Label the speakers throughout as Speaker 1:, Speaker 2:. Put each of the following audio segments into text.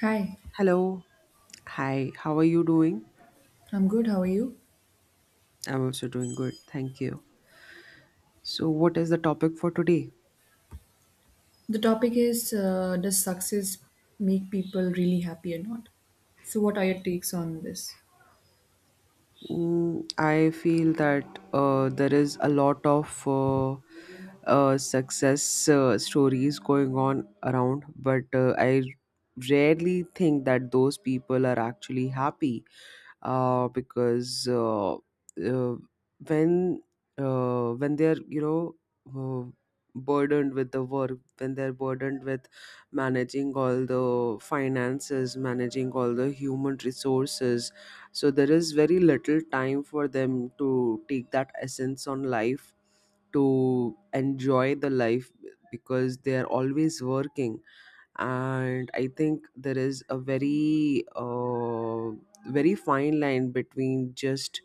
Speaker 1: Hi,
Speaker 2: Hello. Hi, how are you doing?
Speaker 1: I'm good. How are you?
Speaker 2: I'm also doing good, thank you. So, what is the topic for today?
Speaker 1: The topic is does success make people really happy or not? So, what are your takes on this?
Speaker 2: I feel that there is a lot of success stories going on around, but I rarely think that those people are actually happy, because when when they're uh, burdened with the work, when they're burdened with managing all the finances, managing all the human resources, so there is very little time for them to take that essence on life, to enjoy the life, because they are always working. And I think there is a very very fine line between just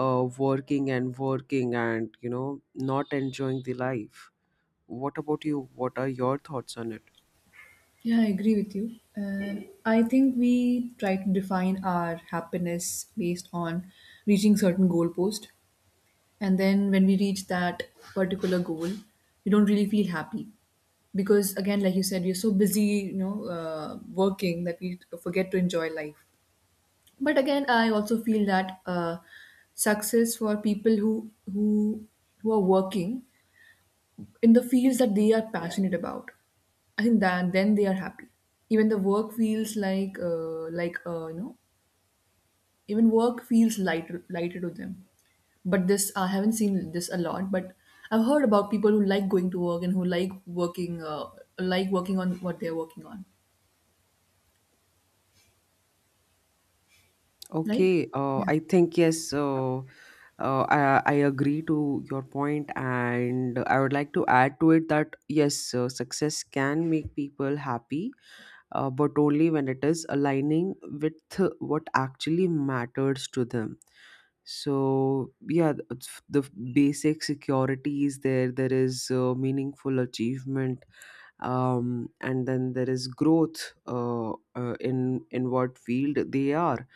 Speaker 2: working and working and not enjoying the life. What about you? What are your thoughts on it?
Speaker 1: Yeah, I agree with you. I think we try to define our happiness based on reaching certain goalpost, and then when we reach that particular goal, we don't really feel happy because, again, like you said, we're so busy, working that we forget to enjoy life. But again, I also feel that success for people who who are working in the fields that they are passionate about, I think that then they are happy. Even the work feels like even work feels lighter to them. But this I haven't seen this a lot, but I've heard about people who like going to work and who working uh, like working on what they're working on. Right.
Speaker 2: Okay, I think, yes. I agree to your point, and I would like to add to it that, yes, success can make people happy, but only when it is aligning with what actually matters to them. So yeah, the basic security is there, there is meaningful achievement, and then there is growth in what field they are.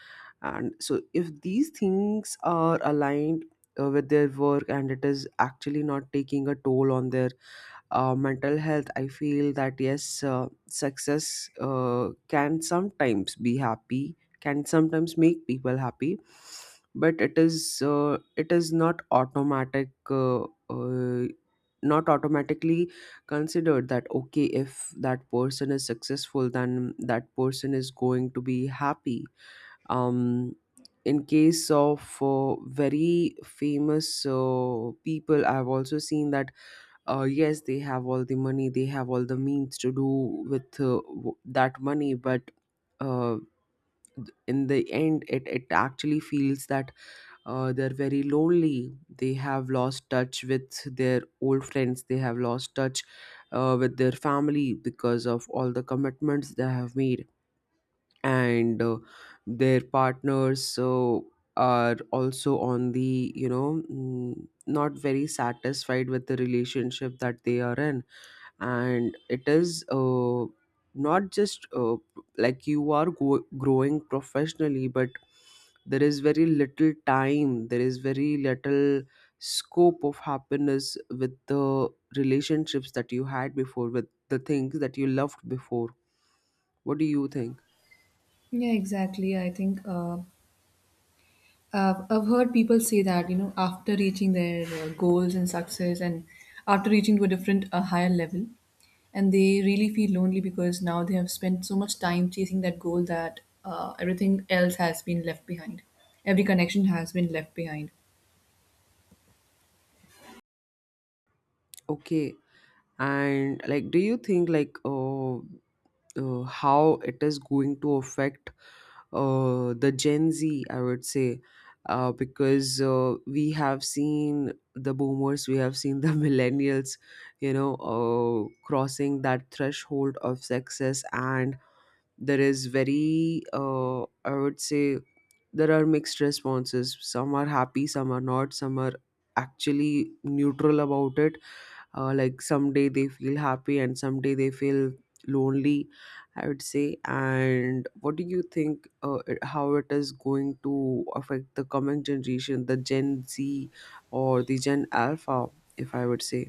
Speaker 2: And so if these things are aligned with their work, and it is actually not taking a toll on their mental health, I feel that, yes, success can sometimes be happy, can sometimes make people happy. But it is not automatic. Uh, Not automatically considered that, okay, if that person is successful, then that person is going to be happy. um in case of very famous people, I've also seen that, yes, they have all the money, they have all the means to do with that money, but, uh, in the end, it actually feels that they're very lonely, they have lost touch with their old friends, they have lost touch with their family because of all the commitments they have made, and their partners so are also on the not very satisfied with the relationship that they are in. And it is not just like you are growing professionally, but there is very little time, there is very little scope of happiness with the relationships that you had before, with the things that you loved before. What do you think?
Speaker 1: Yeah, exactly. I think I've heard people say that, you know, after reaching their goals and success, and after reaching to a a higher level, and they really feel lonely because now they have spent so much time chasing that goal that everything else has been left behind. Every connection has been left behind.
Speaker 2: Okay, and like, do you think, like, how it is going to affect the Gen Z, I would say, because we have seen the boomers, we have seen the millennials, you know uh, crossing that threshold of success. And there is very, I would say, there are mixed responses. Some are happy, some are not, some are actually neutral about it. Like, someday they feel happy and someday they feel lonely, I would say. And what do you think, how it is going to affect the coming generation, the Gen Z or the Gen Alpha, if I would say?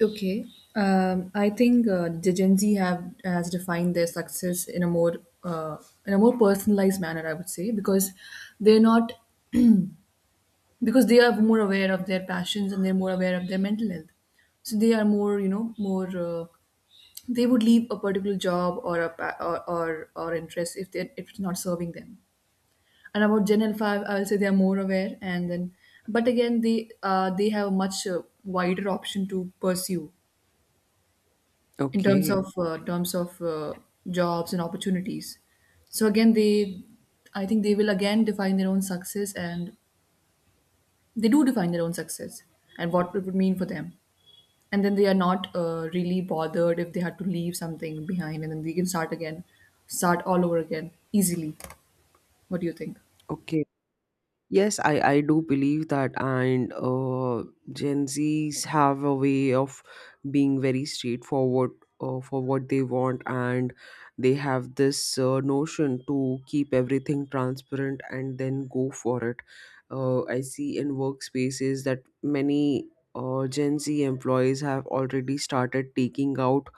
Speaker 1: Okay. I think the Gen Z have has defined their success uh, in a more personalized manner, I would say, because they're not because they are more aware of their passions and they're more aware of their mental health, so they are more, you know, more they would leave a particular job or a or interest if they if it's not serving them. And about gen l5, I'll say they are more aware, and then but again they have a much wider option to pursue in
Speaker 2: Okay.
Speaker 1: terms of jobs and opportunities. So again, they, I think they will again define their own success, and they do define their own success and what it would mean for them. And then they are not really bothered if they had to leave something behind, and then they can start again, start all over again easily. What do you think?
Speaker 2: Okay. Yes, I do believe that, and Gen Zs have a way of being very straightforward for what they want, and they have this notion to keep everything transparent and then go for it. I see in workspaces that many Gen Z employees have already started taking out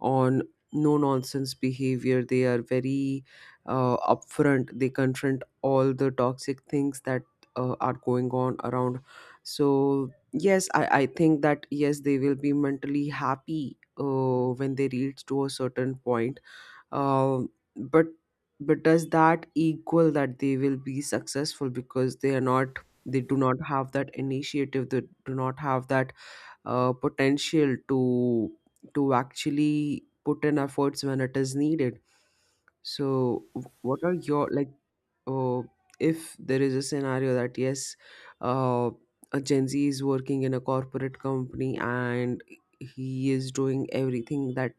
Speaker 2: on no nonsense behavior. They are very upfront, they confront all the toxic things that are going on around. So yes, I think that, yes, they will be mentally happy when they reach to a certain point. um, but does that equal that they will be successful? Because they are not, they do not have that initiative, they do not have that potential to actually put in efforts when it is needed. So what are your, like, oh, if there is a scenario that, yes, uh, a Gen Z is working in a corporate company and he is doing everything that,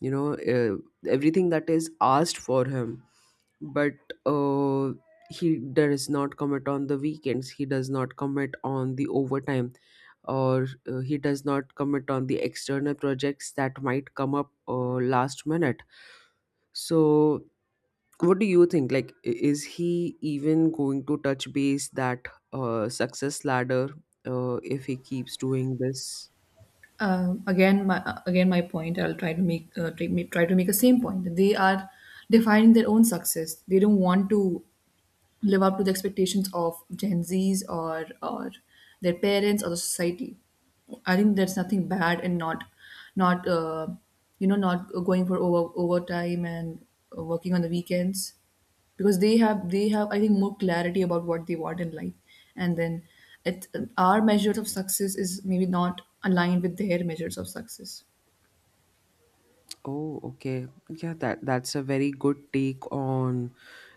Speaker 2: you know, uh, everything that is asked for him, but uh, he does not commit on the weekends. He does not commit on the overtime. Or he does not commit on the external projects that might come up last minute. So what do you think, like, is he even going to touch base that success ladder if he keeps doing this?
Speaker 1: Again, my again my point. I'll try to make try to make the same point. They are defining their own success. They don't want to live up to the expectations of Gen Zs or their parents or the society. I think there's nothing bad in not you know, not going for overtime and working on the weekends, because they have I think more clarity about what they want in life, and then it, our measures of success is maybe not aligned with their measures of success.
Speaker 2: Oh, okay. Yeah, that's a very good take on,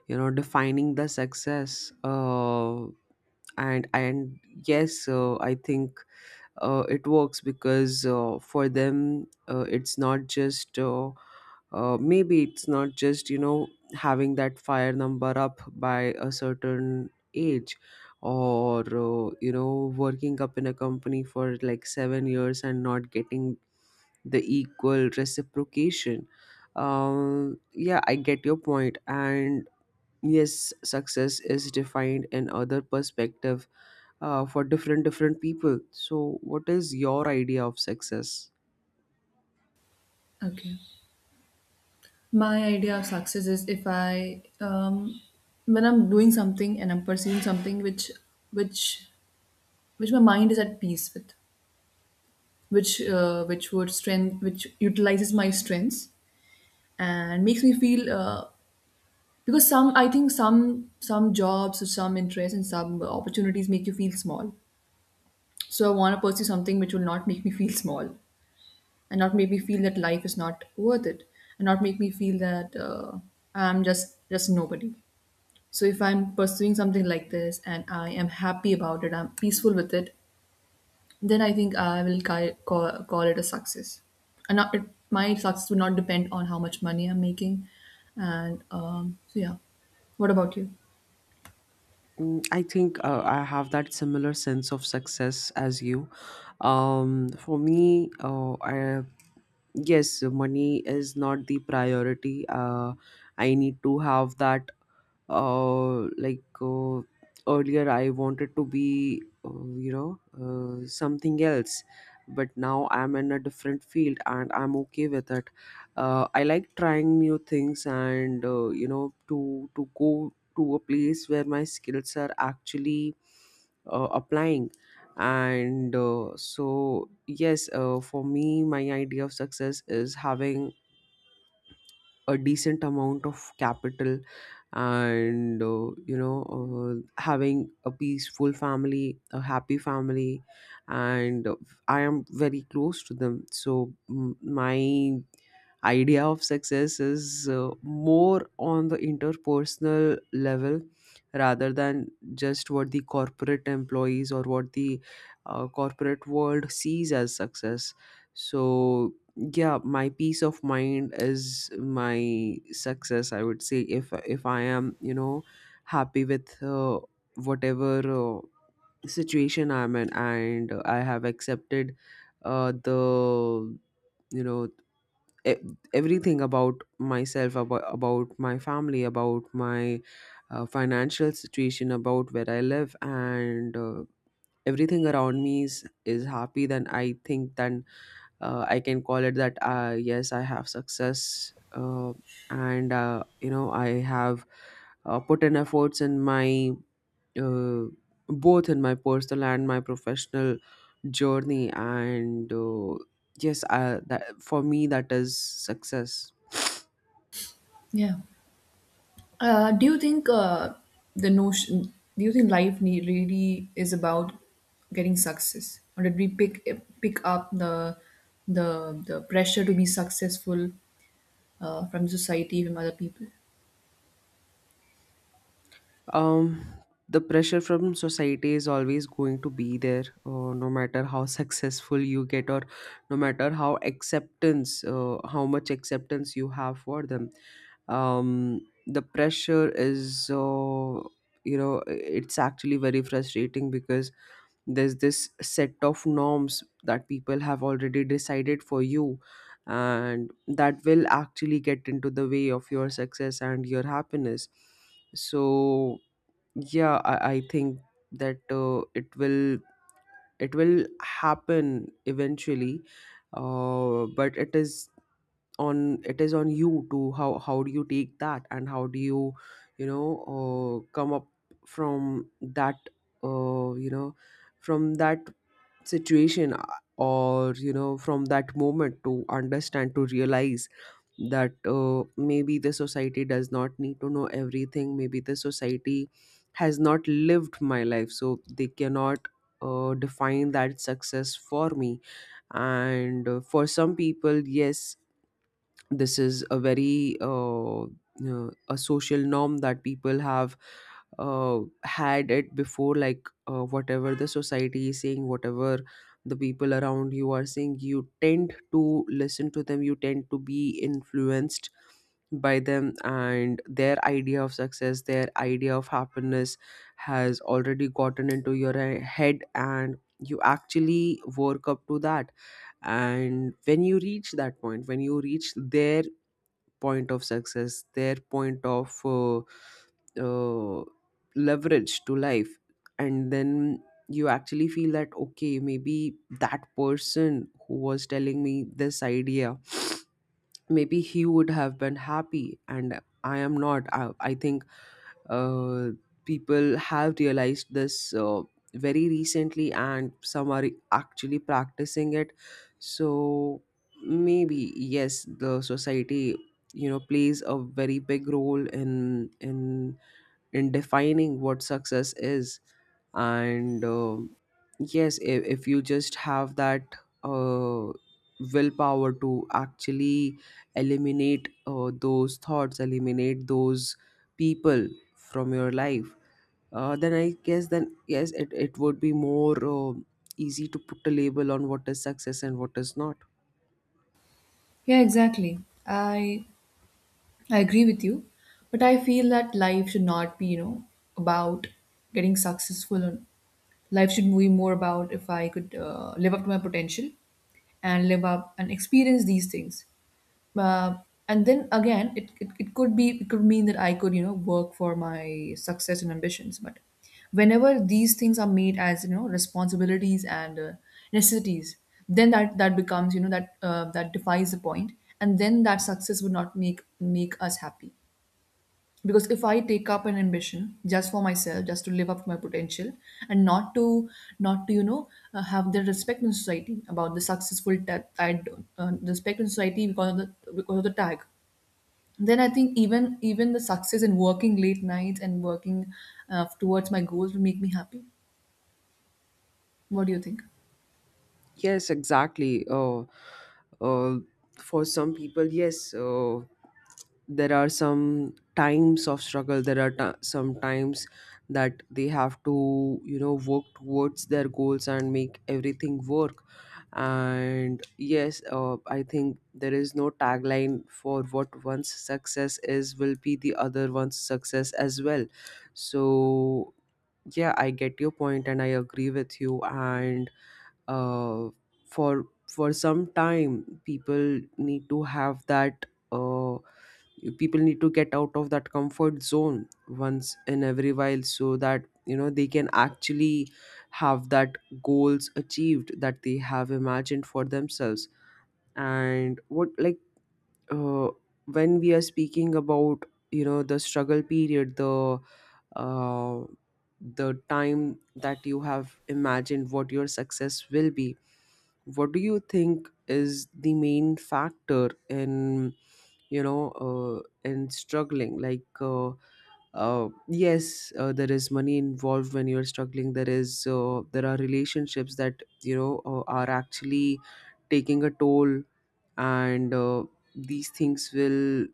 Speaker 2: defining the success. Uh, and and yes, I think it works because, for them, it's not just, maybe it's not just, having that fire number up by a certain age. Or, you know, working up in a company for like 7 years and not getting the equal reciprocation. Yeah, I get your point. And yes, success is defined in other perspective for different people. So what is your idea of success?
Speaker 1: Okay. My idea of success is if I, when I'm doing something and I'm pursuing something which which my mind is at peace with, which would strength which utilizes my strengths and makes me feel because some, I think some jobs or some interests and some opportunities make you feel small. So I want to pursue something which will not make me feel small, and not make me feel that life is not worth it, and not make me feel that I'm just nobody. So if I'm pursuing something like this and I am happy about it, I'm peaceful with it, then I think I will call it a success. And not, it, my success will not depend on how much money I'm making. And so yeah, what about you?
Speaker 2: I think I have that similar sense of success as you. For me, yes, money is not the priority. I need to have that, uh, like uh, earlier I wanted to be, something else, but now I'm in a different field and I'm okay with it. I like trying new things, and, to go to a place where my skills are actually applying. And so yes, for me, my idea of success is having a decent amount of capital, and, having a peaceful family, a happy family, and I am very close to them. So my idea of success is, more on the interpersonal level rather than just what the corporate employees or what the corporate world sees as success. So yeah, my peace of mind is my success, I would say. If I am, happy with whatever situation I'm in, and I have accepted the, you know e- everything about myself, about my family, about my financial situation, about where I live, and everything around me is happy, then I think, then I can call it that, yes, I have success. And you know I have put in efforts in my uh, both in my personal and my professional journey. And yes, that for me, that is success.
Speaker 1: Yeah. Do you think the notion? Do you think life really is about getting success, or did we pick up the pressure to be successful from society, from other people?
Speaker 2: um the pressure from society is always going to be there, no matter how successful you get, or no matter how acceptance how much acceptance you have for them. um the pressure is, it's actually very frustrating, because there's this set of norms that people have already decided for you, and that will actually get into the way of your success and your happiness. So yeah, I think that it will happen eventually, but it is on you to, how do you take that, and how do you, you know come up from that, uh, you know from that situation, or, you know, from that moment, to understand, to realize that, maybe the society does not need to know everything. Maybe the society has not lived my life, so they cannot define that success for me. And for some people, yes, this is a very, a social norm that people have had it before. Like, whatever the society is saying, whatever the people around you are saying, you tend to listen to them, you tend to be influenced by them, and their idea of success, their idea of happiness has already gotten into your head, and you actually work up to that. And when you reach that point, when you reach their point of success, their point of, uh, leverage to life. And then you actually feel that, okay, maybe that person who was telling me this idea, maybe he would have been happy and I am not. I think uh, people have realized this very recently, and some are actually practicing it. So maybe, yes, the society plays a very big role in defining what success is. And yes, if you just have that uh, willpower to actually eliminate those thoughts, eliminate those people from your life, then I guess, then yes, it would be more easy to put a label on what is success and what is not.
Speaker 1: Yeah, exactly. I I agree with you, but I feel that life should not be, you know, about getting successful, and life should be more about if I could live up to my potential, and live up and experience these things, uh, and then again it could be it could mean that I could, you know, work for my success and ambitions, but whenever these things are made as, you know, responsibilities and necessities, then that becomes, you know, that that defies the point, and then that success would not make us happy. Because if I take up an ambition just for myself, just to live up to my potential, and not to not to you know have the respect in society about the successful tag, I, respect in society because of the tag. Then I think even the success in working late nights and working towards my goals will make me happy. What do you think?
Speaker 2: Yes, exactly. Uh, for some people, yes, there are some times of struggle, there are ti some times that they have to, you know, work towards their goals and make everything work. And yes, I think there is no tagline for what one's success is, will be the other one's success as well. So yeah, I get your point and I agree with you. And uh, for some time, people need to have that uh, people need to get out of that comfort zone once in every while, so that, you know, they can actually have that goals achieved that they have imagined for themselves. And what, like, uh, when we are speaking about, you know, the struggle period, uh, the time that you have imagined what your success will be, what do you think is the main factor in, you know, and struggling, like, yes, there is money involved when you're struggling, there is there are relationships that, you know, are actually taking a toll, and these things will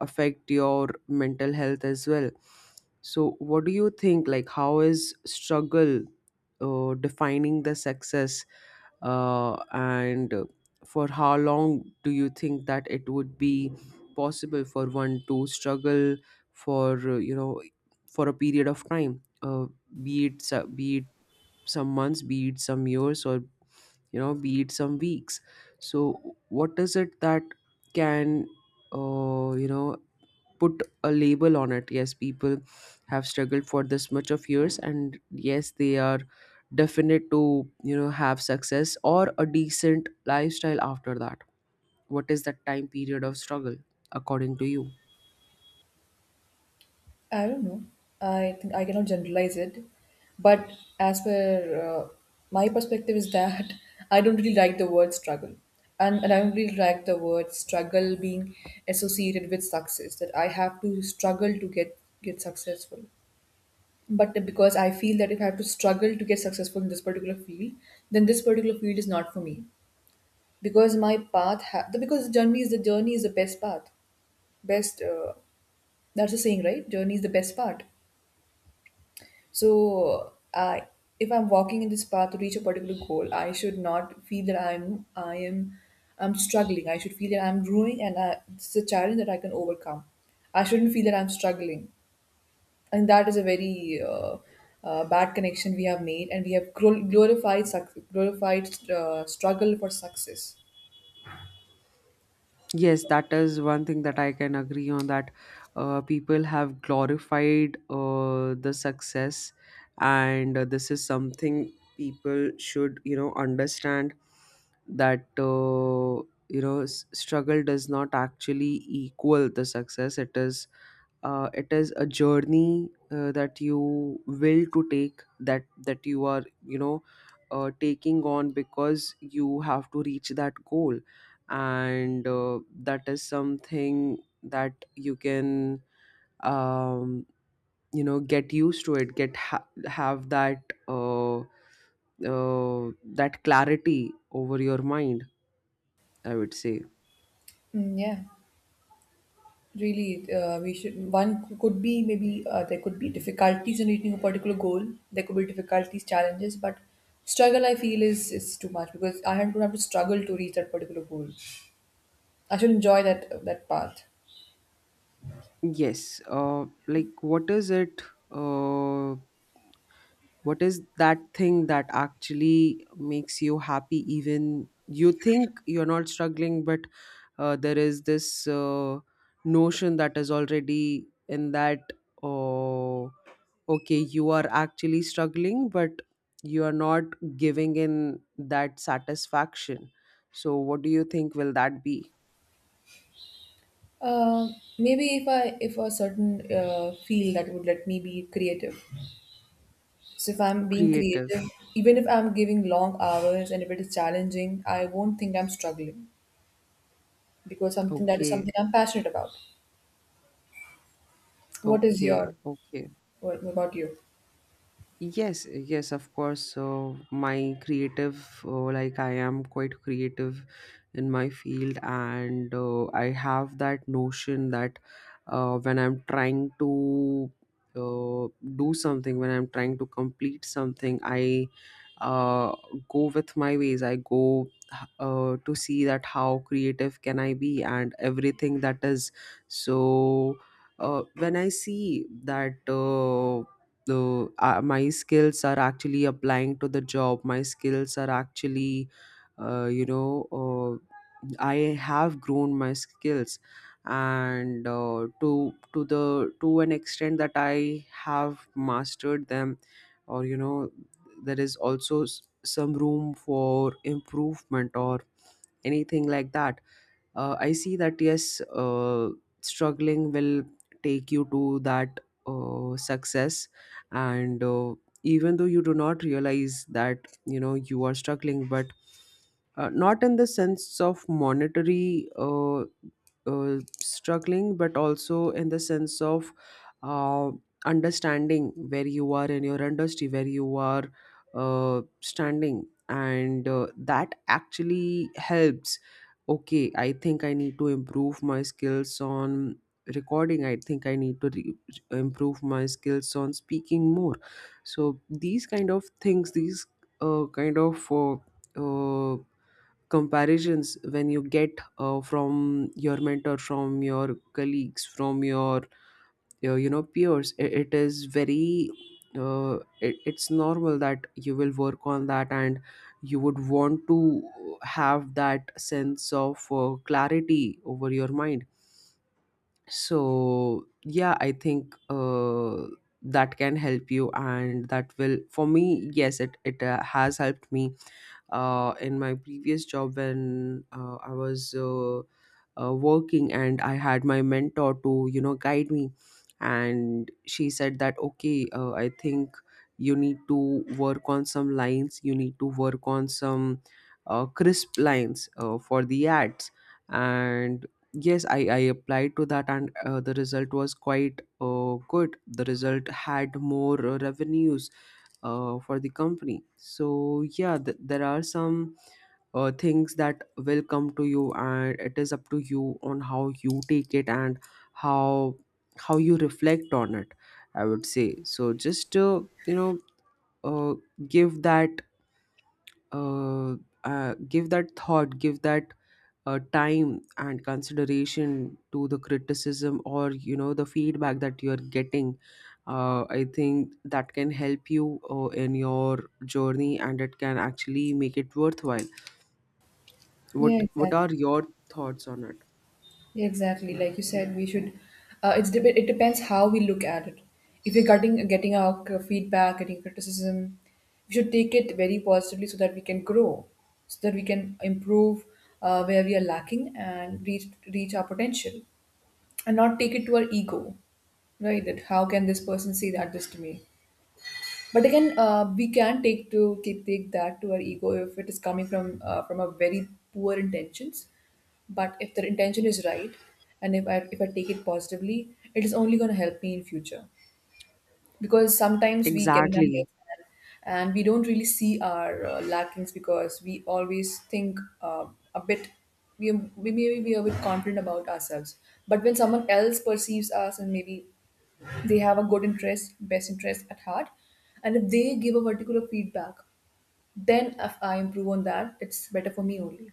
Speaker 2: affect your mental health as well. So what do you think, like, how is struggle defining the success, and for how long do you think that it would be possible for one to struggle, for you know, for a period of time, be it be it some months, be it some years, or, you know, be it some weeks? So what is it that can you know, put a label on it? Yes, people have struggled for this much of years, and yes, they are definite to, you know, have success or a decent lifestyle after that. What is that time period of struggle according to you?
Speaker 1: I don't know. I think I cannot generalize it, but as per my perspective is that I don't really like the word struggle, and I don't really like the word struggle being associated with success. That I have to struggle to get successful. But because I feel that if I have to struggle to get successful in this particular field, then this particular field is not for me. Because because the journey is the best path. Best, that's the saying, right? Journey is the best part. So, if I'm walking in this path to reach a particular goal, I should not feel that I'm struggling. I should feel that I'm growing, and it's a challenge that I can overcome. I shouldn't feel that I'm struggling, and that is a very bad connection we have made, and we have glorified struggle for success.
Speaker 2: Yes, that is one thing that I can agree on, that people have glorified the success, and this is something people should, you know, understand that, you know, struggle does not actually equal the success. It is a journey that you will to take, that you are, you know, taking on because you have to reach that goal. And that is something that you can, um, you know, get used to it, get have that uh, uh, that clarity over your mind, I would say.
Speaker 1: Mm, yeah. Really, we should. One could be, maybe there could be difficulties in reaching a particular goal. There could be difficulties, challenges, but struggle, I feel, is too much, because I don't have to struggle to reach that particular goal. I should enjoy that path.
Speaker 2: Yes, like, what is it, uh, what is that thing that actually makes you happy, even you think you're not struggling, but there is this notion that is already in that, oh, okay, you are actually struggling, but you are not giving in that satisfaction. So what do you think will that be?
Speaker 1: Uh, Maybe if I, if a certain field that would let me be creative. So if I'm being
Speaker 2: Creative.
Speaker 1: creative, even if I'm giving long hours and if it is challenging, I won't think I'm struggling because something that is
Speaker 2: Okay.
Speaker 1: something I'm passionate about. What is
Speaker 2: Okay.
Speaker 1: your
Speaker 2: Okay.
Speaker 1: what about you?
Speaker 2: Yes, yes, of course. So my creative, like, I am quite creative in my field, and I have that notion that when I'm trying to uh, do something, when I'm trying to complete something, I uh, go with my ways. I go to see that how creative can I be, and everything that is so. When I see that. The my skills are actually applying to the job, my skills are actually you know, I have grown my skills, and to the to an extent that I have mastered them, or, you know, there is also some room for improvement or anything like that. I see that yes, struggling will take you to that success. And even though you do not realize that, you know, you are struggling, but not in the sense of monetary struggling, but also in the sense of uh, understanding where you are in your industry, where you are standing. And that actually helps. Okay, I think I need to improve my skills on recording, I think I need to improve my skills on speaking more. So these kind of things, these kind of uh, comparisons when you get from your mentor, from your colleagues, from your you know, peers. It is very it's normal that you will work on that, and you would want to have that sense of clarity over your mind. So yeah, I think that can help you, and that will, for me, yes, it has helped me in my previous job, when I was working and I had my mentor to, you know, guide me, and she said that, okay, I think you need to work on some lines, you need to work on some crisp lines for the ads. And yes, I applied to that, and the result was quite good, the result had more revenues for the company. So yeah, there are some things that will come to you, and it is up to you on how you take it and how you reflect on it, I would say. So just you know, uh, give that uh, give that thought, give that time and consideration to the criticism, or, you know, the feedback that you are getting. I think that can help you in your journey, and it can actually make it worthwhile.
Speaker 1: Yeah,
Speaker 2: What
Speaker 1: exactly.
Speaker 2: are your thoughts on it?
Speaker 1: Yeah, exactly. Like you said, we should. It depends how we look at it. If we're getting our feedback, getting criticism, we should take it very positively so that we can grow, so that we can improve where we are lacking, and reach our potential, and not take it to our ego, right? That how can this person say that this to me? But again, we can take that to our ego if it is coming from a very poor intentions. But if the intention is right, and if I take it positively, it is only going to help me in future. Because sometimes we get in our
Speaker 2: Exactly.
Speaker 1: heads, and we don't really see our lackings, because we always think a bit. We maybe we are a bit confident about ourselves, but when someone else perceives us, and maybe they have a good interest, best interest at heart, and if they give a particular feedback, then if I improve on that, it's better for me only.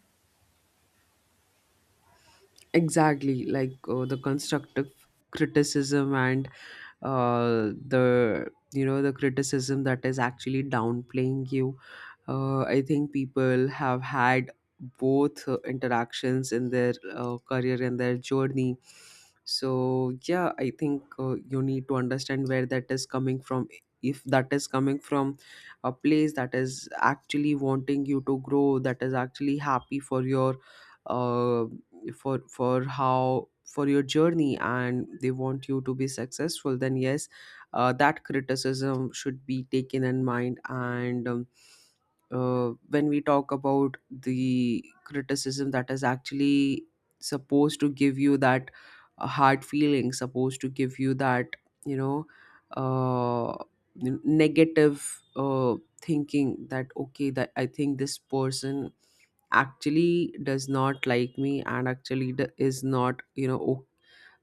Speaker 2: Exactly, like, the constructive criticism, and the, you know, the criticism that is actually downplaying you. I think people have had both interactions in their career and their journey. So yeah, I think you need to understand where that is coming from. If that is coming from a place that is actually wanting you to grow, that is actually happy for your uh, for how for your journey, and they want you to be successful, then yes, that criticism should be taken in mind. And when we talk about the criticism that is actually supposed to give you that hard feeling, supposed to give you that, you know, uh, negative thinking that, okay, that I think this person actually does not like me, and actually is not, you know,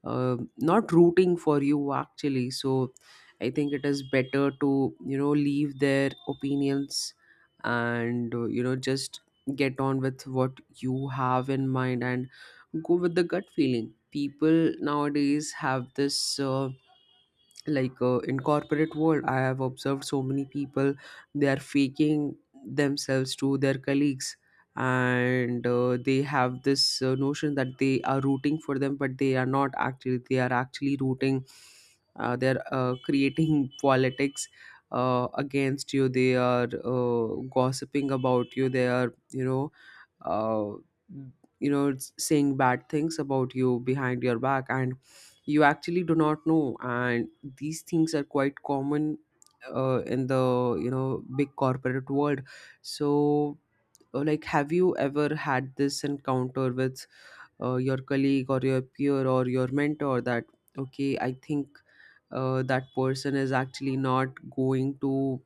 Speaker 2: not rooting for you actually. So I think it is better to, you know, leave their opinions, and you know, just get on with what you have in mind, and go with the gut feeling. People nowadays have this like, in corporate world, I have observed so many people, they are faking themselves to their colleagues. And they have this notion that they are rooting for them, but they are not actually, they are actually rooting they're creating politics against you, they are uh, gossiping about you, they are, you know, uh, you know, it's saying bad things about you behind your back, and you actually do not know. And these things are quite common in the, you know, big corporate world. So like, have you ever had this encounter with your colleague or your peer or your mentor that, okay, I think that person is actually not going to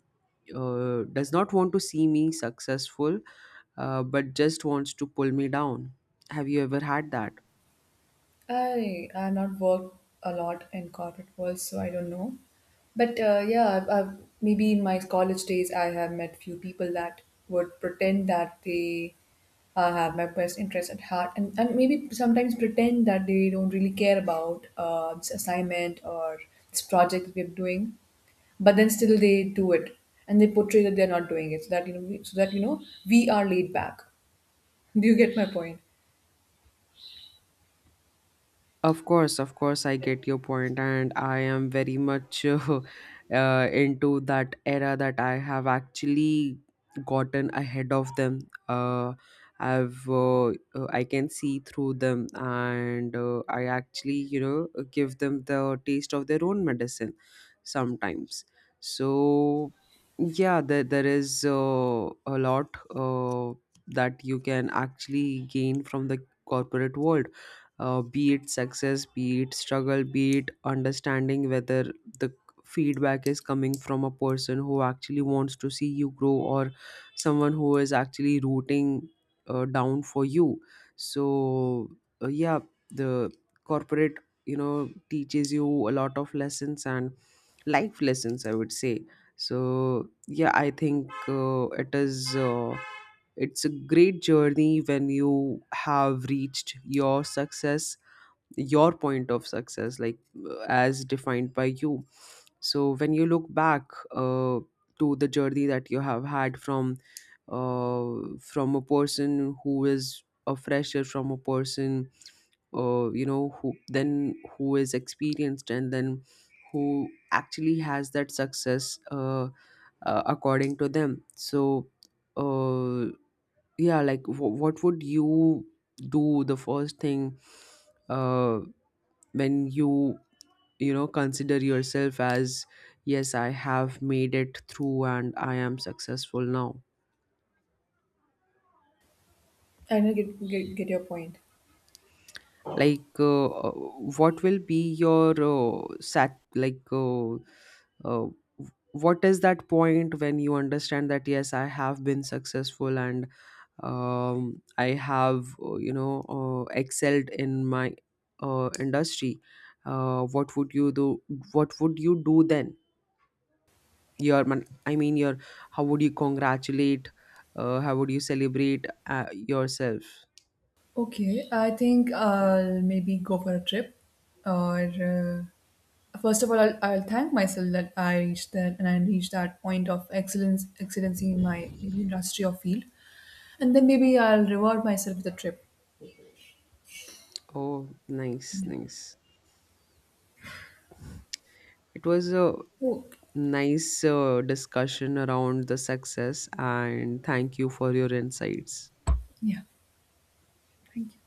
Speaker 2: does not want to see me successful, but just wants to pull me down. Have you ever had that?
Speaker 1: I have not worked a lot in corporate world, so I don't know. But yeah, maybe in my college days, I have met few people that would pretend that they have my best interest at heart, and maybe sometimes pretend that they don't really care about this assignment or this project that we're doing, but then still they do it, and they portray that they're not doing it, so that, you know, so that, you know, we are laid back. Do you get my point?
Speaker 2: Of course, I get your point, and I am very much into that era that I have actually gotten ahead of them. Uh, I've I can see through them, and I actually, you know, give them the taste of their own medicine sometimes. So yeah, there is a lot that you can actually gain from the corporate world, be it success, be it struggle, be it understanding whether the feedback is coming from a person who actually wants to see you grow, or someone who is actually rooting down for you. So, yeah, the corporate, you know, teaches you a lot of lessons, and life lessons, I would say. So yeah, I think it is. It's a great journey when you have reached your success, your point of success, like, as defined by you. So when you look back to the journey that you have had uh, from a person who is a fresher, from a person you know, who then, who is experienced, and then who actually has that success according to them. So uh, yeah, like, what would you do the first thing uh, when you know, consider yourself as, yes, I have made it through and I am successful now.
Speaker 1: I know, get your point.
Speaker 2: Like, what will be your sat like, uh, what is that point when you understand that, yes, I have been successful, and I have you know, excelled in my industry. What would you do, what would you do then? Your man I mean, your, how would you congratulate, how would you celebrate yourself?
Speaker 1: Okay, I think I'll maybe go for a trip. Or first of all, I'll thank myself that I reached that, and I reached that point of excellency in my maybe industry or field, and then maybe I'll reward myself with a trip.
Speaker 2: Oh, nice,
Speaker 1: Yeah.
Speaker 2: nice. It was a
Speaker 1: Oh,
Speaker 2: nice discussion around the success, and thank you for your insights.
Speaker 1: yeah. Thank you.